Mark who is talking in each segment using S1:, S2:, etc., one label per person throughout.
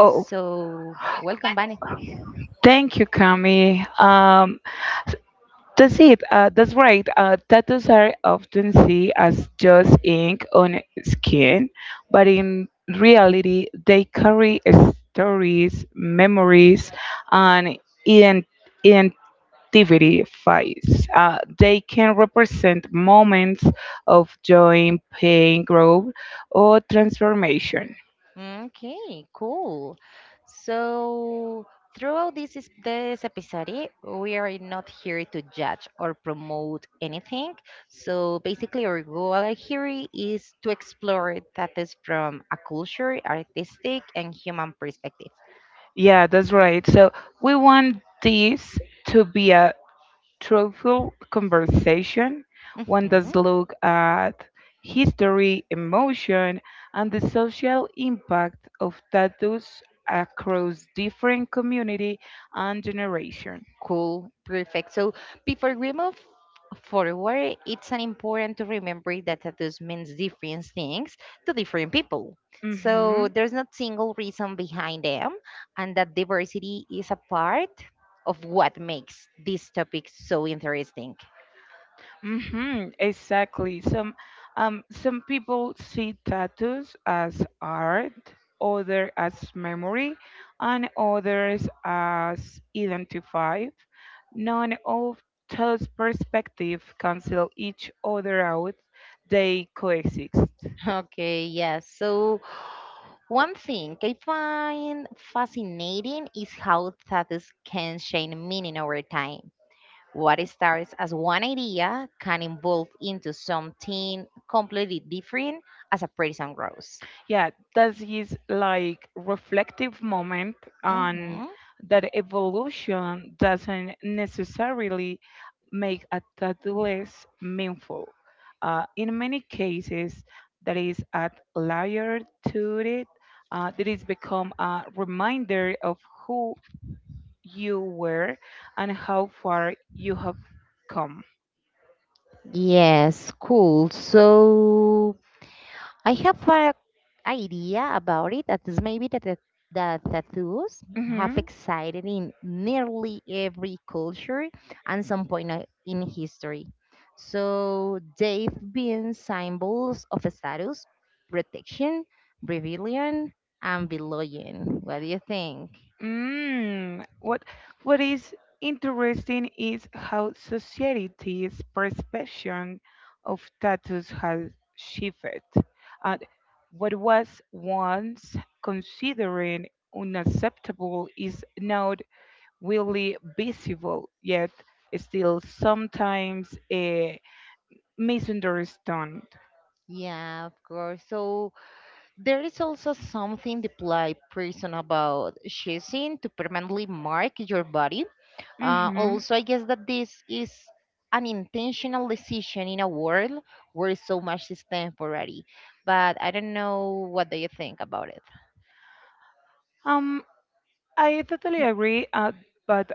S1: Oh,
S2: welcome, Bunny.
S1: thank you, Kami. That's it. That's right. Tattoos are often seen as just ink on skin, but in reality, they carry stories, memories, and ident- identifies. They can represent moments of joy, pain, growth, or transformation.
S2: Okay, cool. So, throughout this episode, we are not here to judge or promote anything. So, basically, our goal right here is to explore that is from a culture, artistic, and human perspective.
S1: Yeah, that's right. So we want this to be a truthful conversation. One does look at history, emotion, and the social impact of tattoos across different community and generation.
S2: Cool, perfect. So before we move forward, it's an important to remember that tattoos means different things to different people. So
S1: Mhm.
S2: there's not single reason behind them, and that diversity is a part of what makes this topic so interesting.
S1: Mm-hmm, exactly. Some people see tattoos as art, other as memory, and others as identify. None of those perspectives cancel each other out. They coexist.
S2: Okay, yes. So one thing I find fascinating is how tattoos can change meaning over time. What starts as one idea can evolve into something completely different as a person grows.
S1: Yeah, that is like reflective moment on
S2: Mhm.
S1: that evolution doesn't necessarily make a tattoo less meaningful. In many cases that is a layer to it. That is become a reminder of who you were and how far you have come.
S2: Yes, cool. So I have an idea about it that is maybe that the tattoos have
S1: Hmm.
S2: existed in nearly every culture and some point in history. So they've been symbols of status, protection, rebellion, and belonging. What do you think?
S1: Mm, what what is interesting is how society's perception of tattoos has shifted. And what was once considered unacceptable is now really visible, yet still sometimes misunderstood.
S2: Yeah, of course. So there is also something the polite person about choosing to permanently mark your body. Uh,
S1: Hmm.
S2: also, I guess that this is an intentional decision in a world where so much is temporary. But I don't know what do you think about it.
S1: Um, I totally agree, but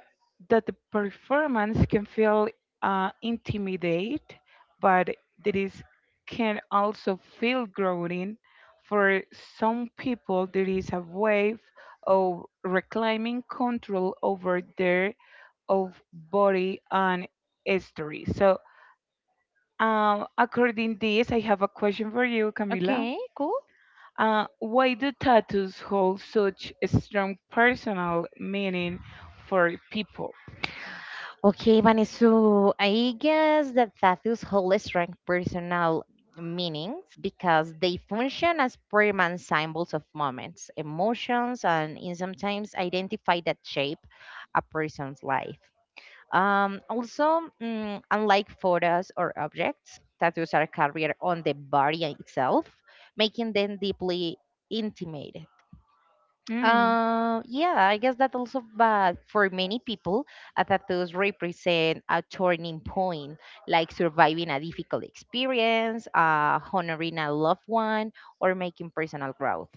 S1: that the performance can feel intimidate, but it is can also feel growing. For some people, there is a wave of reclaiming control over their of body and history. So, according this, I have a question for you, Camila.
S2: Okay, cool.
S1: Why do tattoos hold such a strong personal meaning for people?
S2: Okay, Vanessa, so I guess that tattoos hold strong personal meanings because they function as permanent symbols of moments, emotions, and in sometimes identify that shape a person's life. Unlike photos or objects, tattoos are carried on the body itself, making them deeply intimate. Yeah, I guess that also, but for many people, a tattoos represent a turning point, like surviving a difficult experience, honoring a loved one, or making personal growth.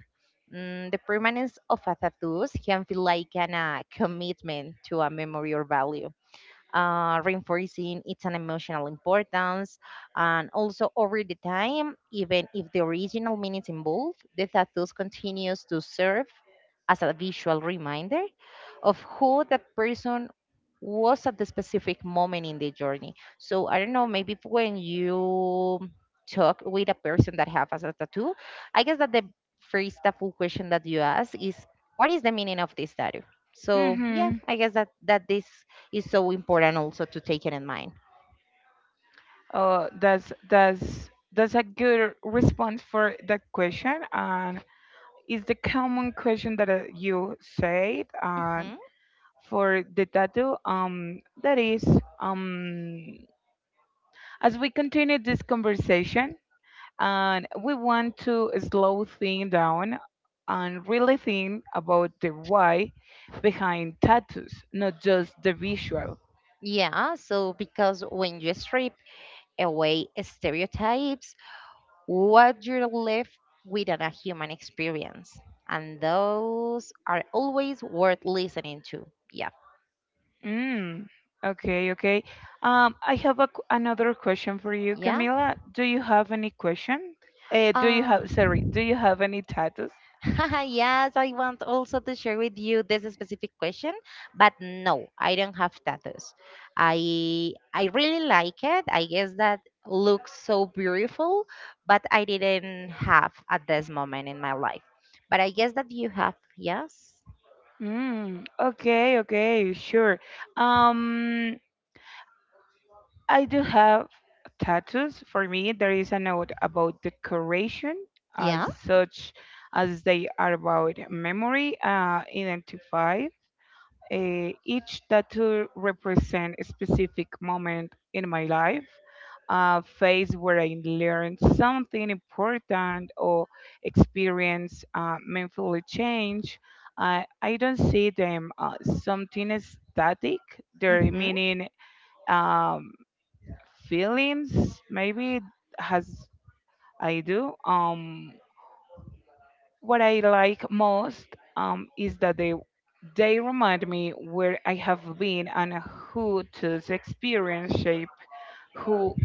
S2: The permanence of a tattoos can feel like an commitment to a memory or value, reinforcing it's an emotional importance. And also over the time, even if the original meaning is involved, the tattoos continues to serve as a visual reminder of who that person was at the specific moment in the journey. So I don't know, maybe when you talk with a person that have as a tattoo, I guess that the first tattoo question that you ask is what is the meaning of this tattoo? So yeah,
S1: Mm-hmm.
S2: I guess that this is so important also to take it in mind.
S1: That's a good response for that question, and it's the common question that you said. And
S2: hmm
S1: for the tattoo, that is, um, as we continue this conversation, and we want to slow things down and really think about the why behind tattoos, not just the visual.
S2: Yeah, so because when you strip away stereotypes, what you're left with is a human experience, and those are always worth listening to. Yeah,
S1: Mm, okay, okay. I have another question for you,
S2: yeah.
S1: Camila. Do you have any question?
S2: Uh,
S1: Sorry, do you have any tattoos?
S2: yes, I want also to share with you this specific question, but no, I don't have tattoos. I really like it. I guess that looks so beautiful, but I didn't have at this moment in my life. But I guess that you have, yes.
S1: Mm, okay, okay, sure. Um, I do have tattoos. For me, there is a note about decoration as
S2: Yeah.
S1: such as they are about memory, identify. Each tattoo represents a specific moment in my life, a phase where I learned something important or experienced meaningful change. I don't see them something static. They're
S2: Mm-hmm.
S1: meaning um, feelings, maybe as I do. What I like most is that they remind me where I have been and who those experience shape who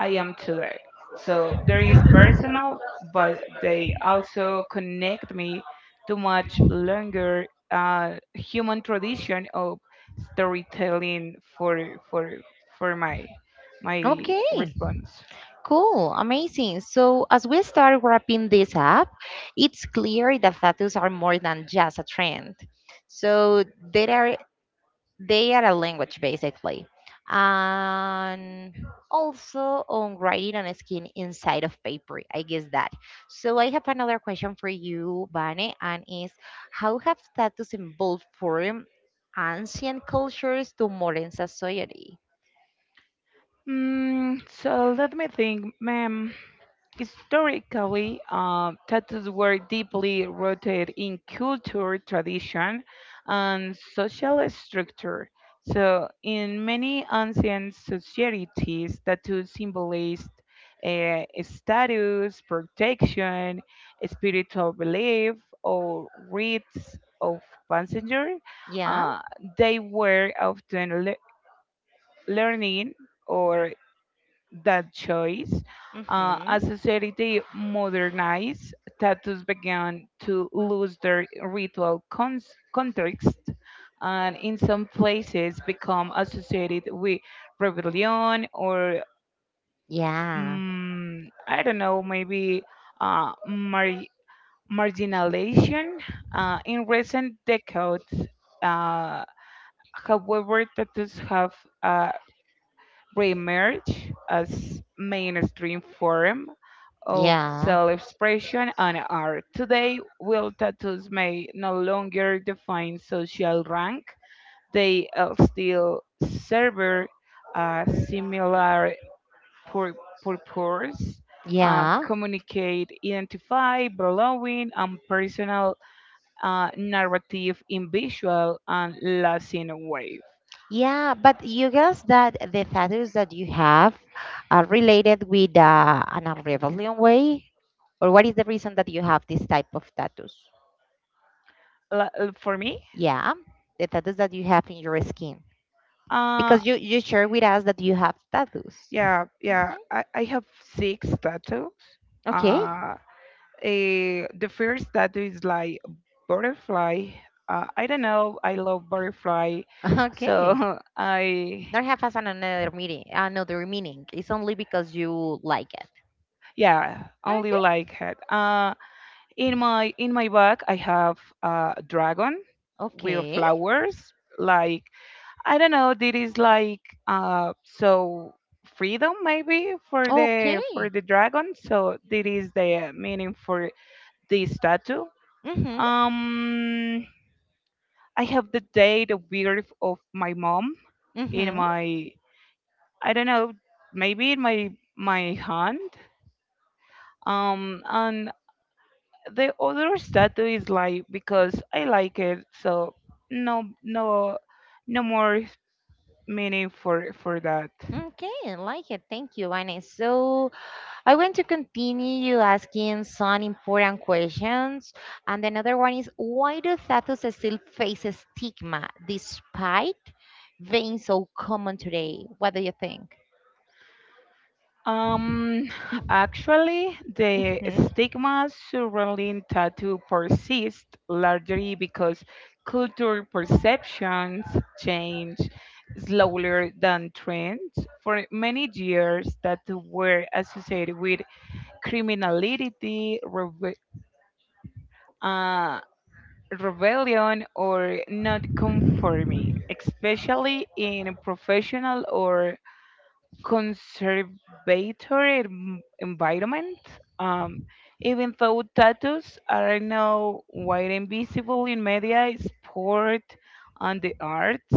S1: I am today. So there is personal, but they also connect me to much longer human tradition of storytelling for my
S2: Okay.
S1: response.
S2: Cool, amazing. So, as we start wrapping this up, it's clear that tattoos are more than just a trend. So, they are they are a language basically, and also on writing on skin inside of paper. I guess that. So, I have another question for you, Vane, and is how have tattoos evolved from ancient cultures to modern society?
S1: Mm, so let me think, ma'am. Historically, tattoos were deeply rooted in culture, tradition, and social structure. So, in many ancient societies, tattoos symbolized status, protection, spiritual belief, or rites of passenger.
S2: Yeah.
S1: Uh, they were often learning or that choice. As society modernized, tattoos began to lose their ritual context and in some places become associated with rebellion or,
S2: Yeah.
S1: I don't know, maybe uh, mar- marginalization. In recent decades, uh, tattoos have uh, reemerge as mainstream form of
S2: Yeah.
S1: self-expression and art. Today, while tattoos may no longer define social rank, they still serve a similar pur- purpose,
S2: Yeah.
S1: communicate, identify, belonging, and personal narrative in visual and lasting wave.
S2: Yeah, but you guess that the tattoos that you have are related with an unraveling way, or what is the reason that you have this type of tattoos?
S1: La- for me,
S2: Yeah, the tattoos that you have in your skin.
S1: uh.
S2: Because you share with us that you have tattoos.
S1: Yeah, yeah.
S2: Mhm.
S1: I have six tattoos.
S2: Okay.
S1: Uh, the first tattoo is like butterfly. I don't know. I love butterfly,
S2: Okay.
S1: so I
S2: Not have as an another meaning. Another meaning. It's only because you like it.
S1: yeah only
S2: Okay.
S1: like it. In my back I have a dragon with
S2: Okay.
S1: flowers. Like I don't know. This is like so freedom maybe for
S2: Okay.
S1: the for the dragon. So this is the meaning for the statue.
S2: Mhm.
S1: Um, I have the date of birth of my mom in
S2: Mhm.
S1: my I don't know maybe in my hand. And the other statue is like because I like it, so no no no more meaning for that.
S2: Okay. I like it. Thank you, Annie. So I want to continue you asking some important questions. And another one is why do tattoos still face a stigma despite being so common today? What do you think?
S1: Um, Actually, the
S2: Mhm.
S1: stigma surrounding tattoo persists largely because cultural perceptions change slower than trends. For many years, tattoos were associated with criminality, uh, rebellion, or not conforming, especially in professional or conservatory environment. Um, Even though tattoos are now wide and visible in media, sport, and the arts,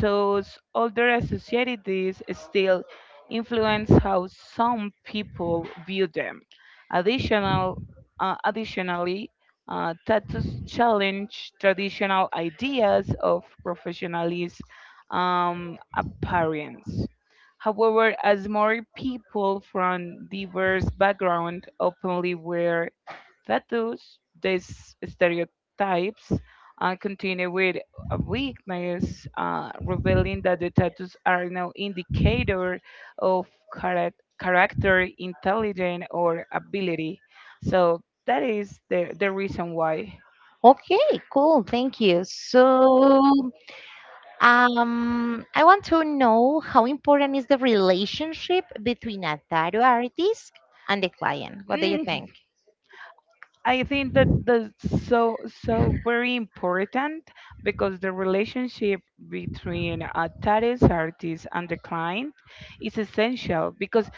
S1: those older societies still influence how some people view them. Additional, Additionally, tattoos challenge traditional ideas of professionalism appearance. However, as more people from diverse backgrounds openly wear tattoos, these stereotypes continue with a weakness, revealing that the tattoos are no indicator of character, intelligence, or ability. So that is the reason why.
S2: Okay, cool. Thank you. So, I want to know how important is the relationship between a tattoo artist and the client. What do you
S1: Mm,
S2: think?
S1: I think that that's so very important because the relationship between a tattoo artist and the client is essential because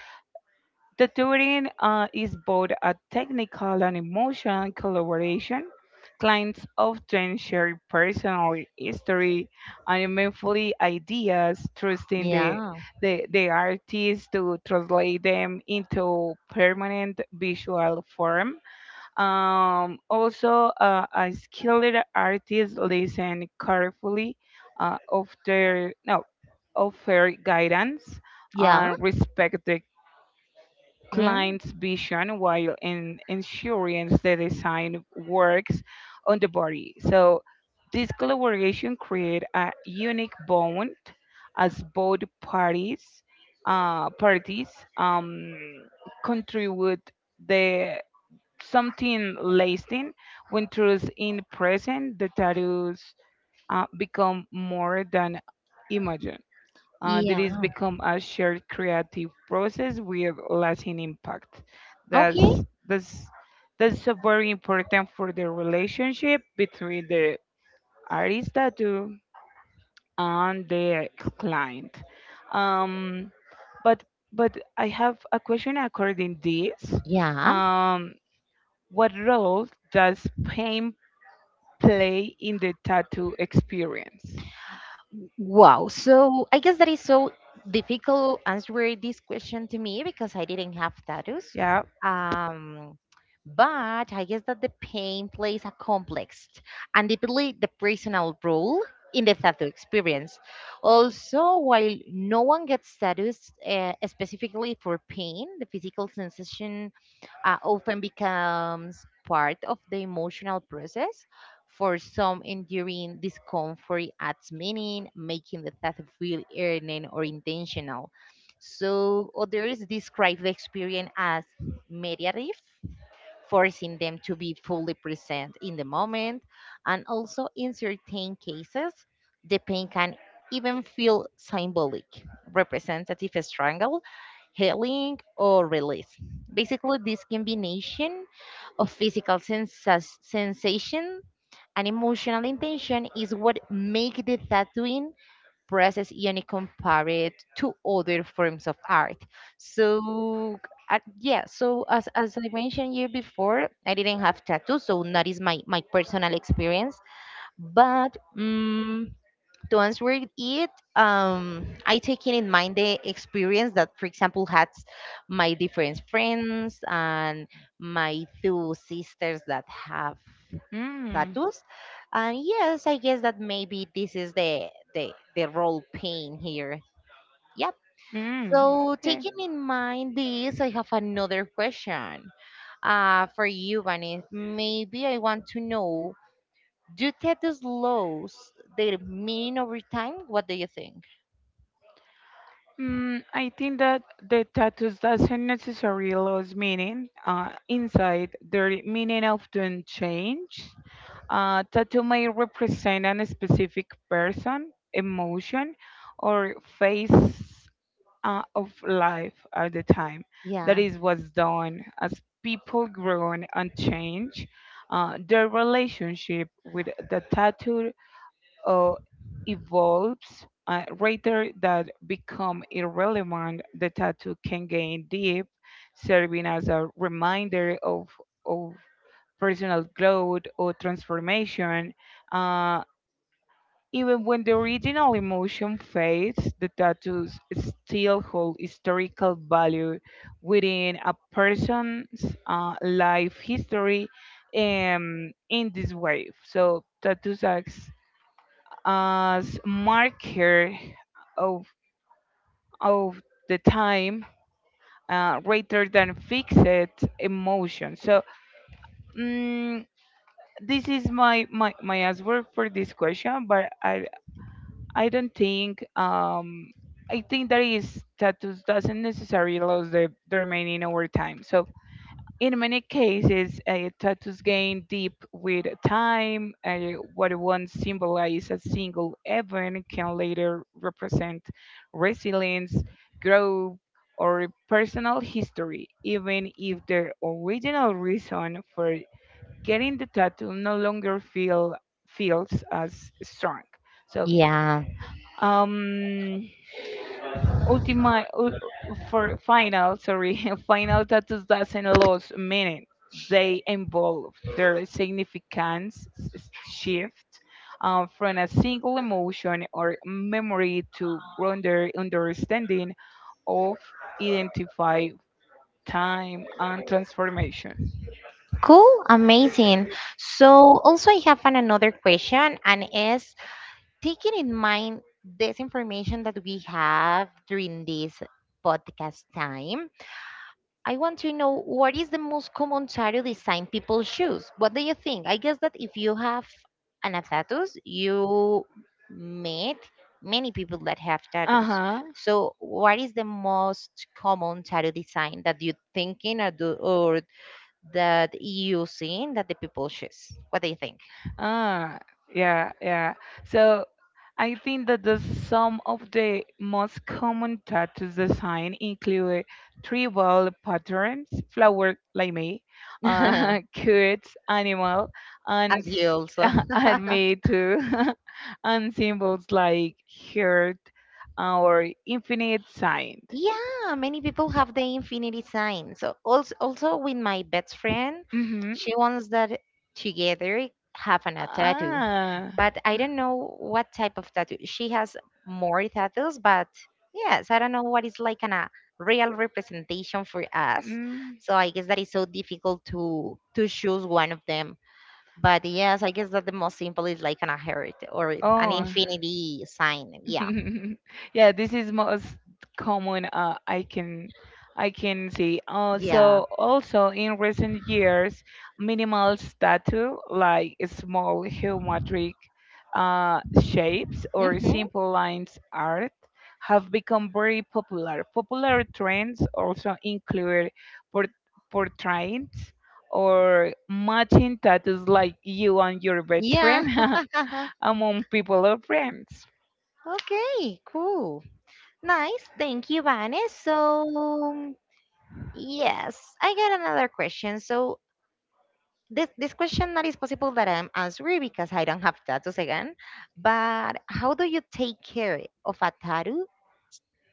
S1: tattooing is both a technical and emotional collaboration. Clients often share personal history and meaningfully ideas, trusting the,
S2: Yeah.
S1: the, the artist to translate them into permanent visual form. Also, a skilled artist listen carefully, offer no, offer guidance,
S2: Yeah.
S1: and respect the
S2: Mm.
S1: client's vision while ensuring the design works on the body. So this collaboration create a unique bond as both parties um, contribute the something lasting when truth in present the tattoos become more than imagine that
S2: Yeah.
S1: is become a shared creative process with lasting impact. that's
S2: Okay.
S1: that's that's so very important for the relationship between the artist tattoo and the client. Um, but but I have a question according this.
S2: Yeah.
S1: Um, what role does pain play in the tattoo experience?
S2: Wow. So I guess that is so difficult answering this question to me because I didn't have tattoos.
S1: Yeah.
S2: Um, but I guess that the pain plays a complex and deeply the personal role in the tattoo experience. Also, while no one gets tattoos specifically for pain, the physical sensation, often becomes part of the emotional process. For some, enduring discomfort adds meaning, making the thought feel earned or intentional. So others describe the experience as mediative, forcing them to be fully present in the moment. And also, in certain cases, the pain can even feel symbolic, representative strangle, healing, or release. Basically, this combination of physical sensation and emotional intention is what make the tattooing presses and compare it to other forms of art. So as I mentioned you before, I didn't have tattoos, so that is my personal experience. But to answer it, I taking in mind the experience that, for example, had my different friends and my two sisters that have
S1: Mm.
S2: status. And yes, I guess that maybe this is the role playing here. Yep.
S1: Mm.
S2: So
S1: Okay.
S2: taking in mind this, I have another question for you, Vanessa. Maybe I want to know, do tattoos lose their meaning over time? What do you think?
S1: Mm, I think that the tattoos doesn't necessarily lose meaning. Inside, their meaning often change. Tattoo may represent a specific person, emotion, or phase of life at the time. That
S2: Yeah.
S1: is what's done as people grow and change. Their relationship with the tattoo uh, evolves rather than become irrelevant. The tattoo can gain deep, serving as a reminder of personal growth or transformation. Uh, Even when the original emotion fades, the tattoos still hold historical value within a person's life history in this way. So, tattoos acts as marker of, of the time rather than fixed emotion. So, mm, this is my answer for this question, but I don't think. I think that is tattoos doesn't necessarily lose the remaining over time. So in many cases, tattoos gain deep with time. What once symbolized a single event can later represent resilience, growth, or personal history, even if the original reason for getting the tattoo no longer feels as strong. So
S2: Yeah.
S1: um ultima ul- for final sorry final tattoos doesn't lose minute they involve their significance shift from a single emotion or memory to broader understanding of identify time and transformation.
S2: Cool. Amazing. So also I have another question and is taking in mind this information that we have during this podcast time, I want to know what is the most common tire design people choose? What do you think? I guess that if you have an a status, you meet many people that have tattoos.
S1: Uh-huh.
S2: So what is the most common tattoo design that you thinking or, do, or that you seen that the people choose? What do you think?
S1: Ah, yeah, yeah. So I think that the some of the most common tattoos design include tribal patterns, flower like me, cute animal,
S2: As
S1: and
S2: you also.
S1: and me too, and symbols like heart or infinite sign.
S2: Yeah, many people have the infinity sign. So also, also with my best friend,
S1: Mm-hmm.
S2: she wants that together have an a tattoo.
S1: Ah.
S2: But I don't know what type of tattoo. She has more tattoos, but yes, I don't know what is like a real representation for us.
S1: Mm.
S2: So I guess that is so difficult to choose one of them. But yes, I guess that the most simple is like an a heart or an
S1: Oh.
S2: infinity sign. Yeah.
S1: Yeah, this is most common, I can see,
S2: Yeah.
S1: also in recent years minimal tattoo like small geometric shapes or
S2: Mm-hmm.
S1: simple lines art have become very popular. Popular trends also include port- portraits or matching tattoos like you and your best
S2: Yeah.
S1: friend among people or friends.
S2: Okay, cool. Nice. Thank you, Vanes. So, yes, I got another question. So, this question not is possible that I'm answering because I don't have tattoos again. But how do you take care of a tattoo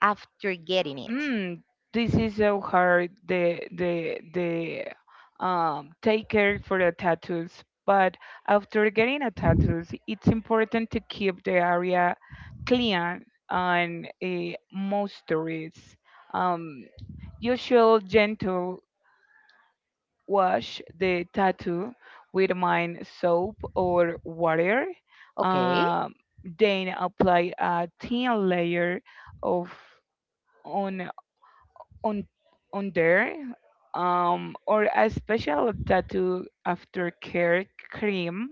S2: after getting it?
S1: Mm, this is so hard. The take care for the tattoos, but after getting a tattoos, it's important to keep the area clean and moisturized. Um, you should gentle wash the tattoo with mine soap or water.
S2: Okay.
S1: Um, then apply a thin layer of on on on there, or a special tattoo aftercare cream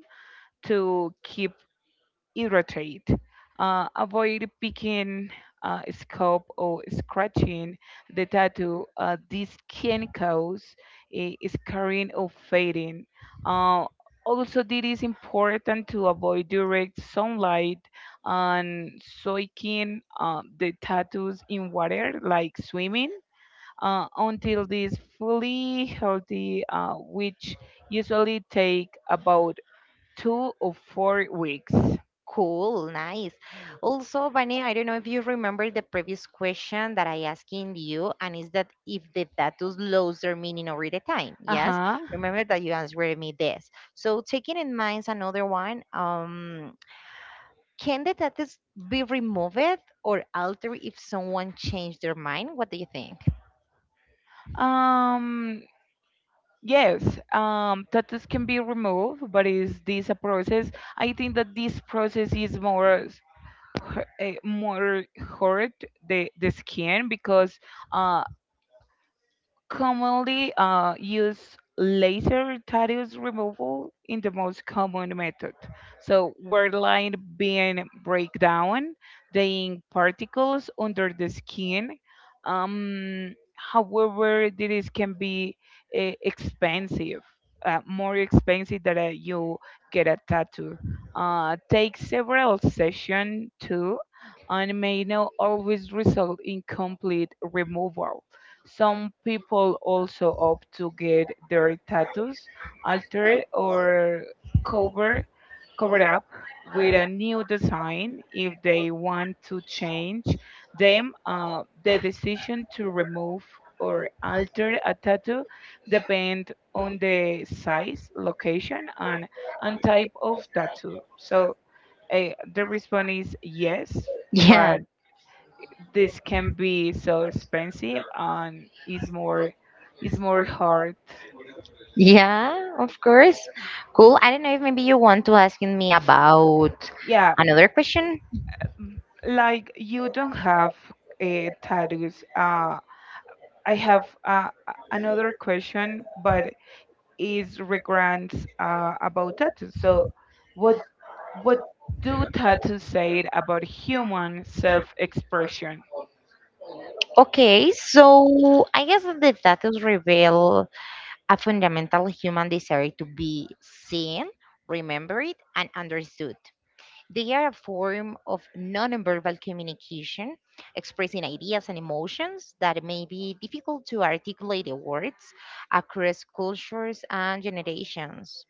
S1: to keep hydrated. Avoid picking, scalp or scratching the tattoo. This can cause a scarring or fading. uh, Also, it is important to avoid direct sunlight and soaking the tattoos in water like swimming until it is fully healthy, which usually take about 2 or 4 weeks.
S2: Cool, nice. Also, Vane, I don't know if you remember the previous question that I asking you, and is that if the tattoos lose their meaning over the time?
S1: Uh
S2: Yes,
S1: huh.
S2: remember that you answered me this. So, taking in mind another one, can the tattoos be removed or altered if someone changed their mind? What do you think?
S1: Um. Yes, tattoos can be removed, but is this a process? I think that this process is more s- hu- eh, more hurt the skin because uh, commonly use laser tattoos removal in the most common method. So where line being break down, the ink particles under the skin. However, this can be expensive, more expensive than you get a tattoo. Take several sessions too, and may not always result in complete removal. Some people also opt to get their tattoos altered or cover covered up with a new design if they want to change them. The decision to remove or alter a tattoo depend on the size, location, and type of tattoo. So the response is yes,
S2: Yeah,
S1: but this can be so expensive and is more hard.
S2: yeah, of course. Cool. I don't know if maybe you want to ask me about
S1: Yeah,
S2: another question.
S1: m- like you don't have a tattoos. I have, another question but is regards, about tattoos. So what what do tattoos say about human self-expression?
S2: Okay, so I guess that the tattoos reveal a fundamental human desire to be seen, remembered, and understood. They are a form of nonverbal communication, expressing ideas and emotions that may be difficult to articulate in words across cultures and generations.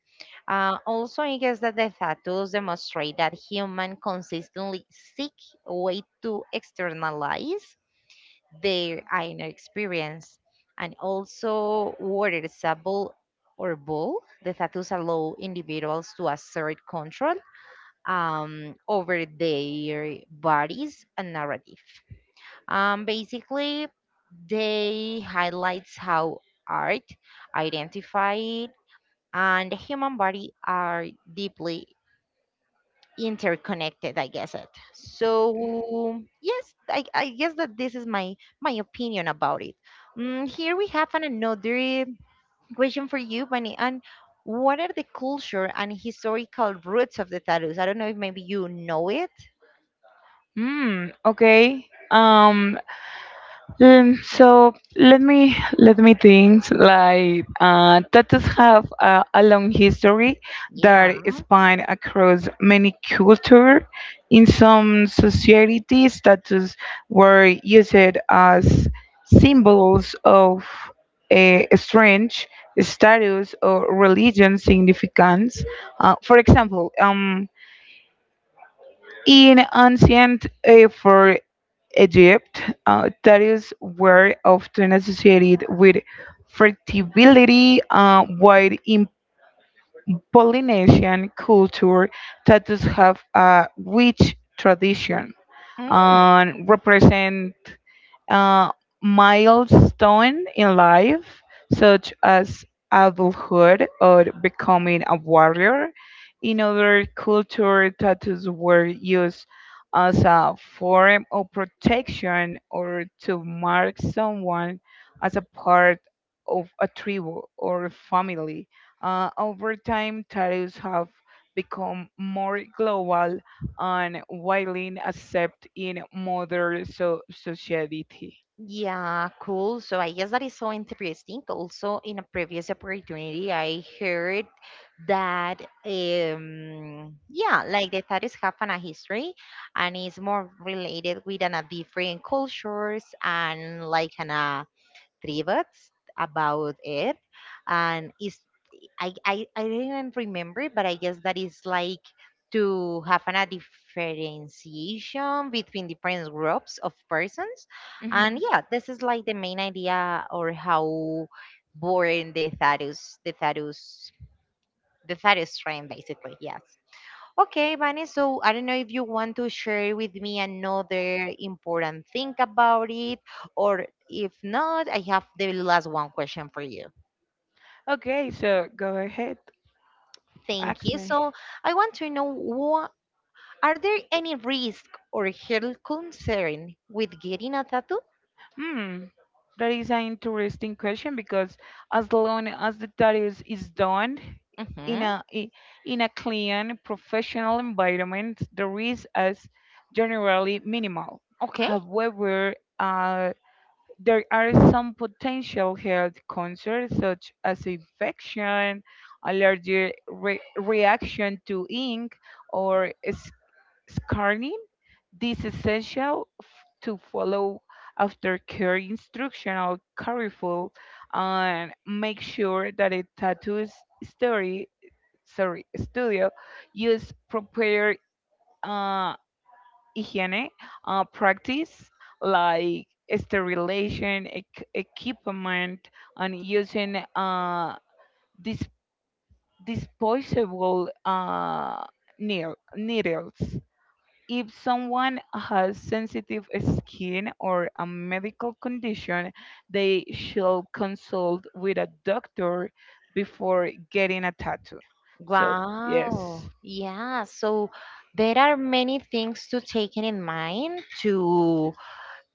S2: Also, I guess that the tattoos demonstrate that human consistently seek a way to externalize their inner experience. And also, water is a or bull. The tattoos allow individuals to assert control, over their bodies and narrative. Basically, they highlights how art, identify, and the human body are deeply interconnected I guess it. So yes I guess that this is my opinion about it. Here we have another question for you, Bunny, and what are the culture and historical roots of the tattoos? I don't know if maybe you know it.
S1: Hmm, okay. um so let me think. Like tattoos have a long history
S2: Yeah.
S1: that span across many cultures. In some societies, tattoos were used as symbols of a strange status or religion significance. For example, in ancient for Egypt that is were often associated with fertility, while in Polynesian culture, tattoos have a rich tradition and represent uh, milestone in life, such as adulthood or becoming a warrior. In other cultures, tattoos were used as a form of protection or to mark someone as a part of a tribe or family. Over time, tattoos have become more global and widely accepted in modern society.
S2: Yeah, cool. So I guess that is so interesting. Also, in a previous opportunity, I heard that yeah, like the tattoos have a history and it's more related with a different cultures and like a tributes about it, and it's I didn't remember, but I guess that is like to have a differentiation between different groups of persons. And yeah, this is like the main idea or how born the Tharus train basically, yes. Okay, Vane, so I don't know if you want to share with me another important thing about it, or if not, I have the last one question for you.
S1: Okay, so go ahead,
S2: Thank
S1: ask
S2: you.
S1: me.
S2: So I want to know, are there any risk or health concern with getting a tattoo?
S1: Hmm, that is an interesting question because as long as the studies is done in
S2: Mm-hmm.
S1: a i- in a clean professional environment, the risk is generally minimal.
S2: Okay.
S1: However, there are some potential health concerns such as infection, allergic reaction to ink, or scarning. This is essential to follow aftercare instructional careful and make sure that a tattoo s- story sorry studio use proper uh, hygiene practice like sterilization equipment and using dis- disposable needles. If someone has sensitive skin or a medical condition, they should consult with a doctor before getting a tattoo. So,
S2: Wow.
S1: yes.
S2: Yeah. So there are many things to take in mind to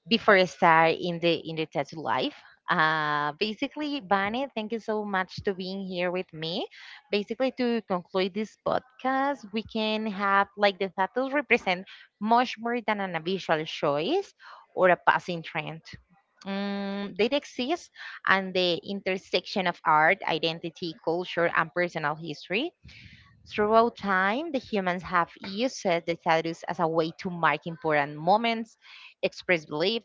S2: before I start in the tattoo life. Basically, Vane, thank you so much to being here with me. Basically, to conclude this podcast, we can have like the tattoos represent much more than an visual choice or a passing trend. They exist at the intersection of art, identity, culture, and personal history. Throughout time, the humans have used the status as a way to mark important moments, express belief,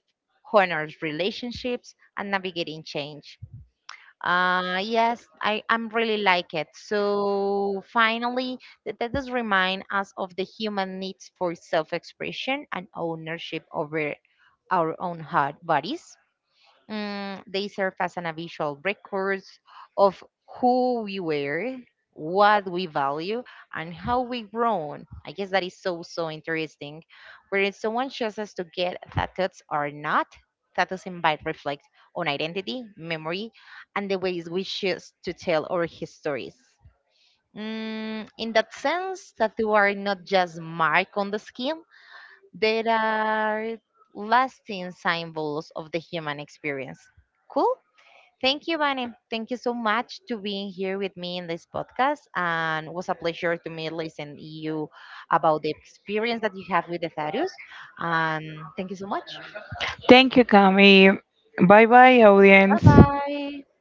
S2: honor relationships, and navigating change. I'm really like it. So finally, that does remind us of the human needs for self-expression and ownership over our own heart bodies. They serve as an visual records of who we were, what we value, and how we've grown. I guess that is so, so interesting. Whether someone chooses to get tattoos or not, tattoos invite reflect on identity, memory, and the ways we choose to tell our histories. In that sense, tattoos are not just mark on the skin, that are lasting symbols of the human experience. Cool. Thank you, Vane. Thank you so much to being here with me in this podcast, and it was a pleasure to me listen to you about the experience that you have with the Thaddeus. And thank you so much.
S1: Thank you, Cami. Bye bye,
S2: Bye
S1: audience.
S2: bye.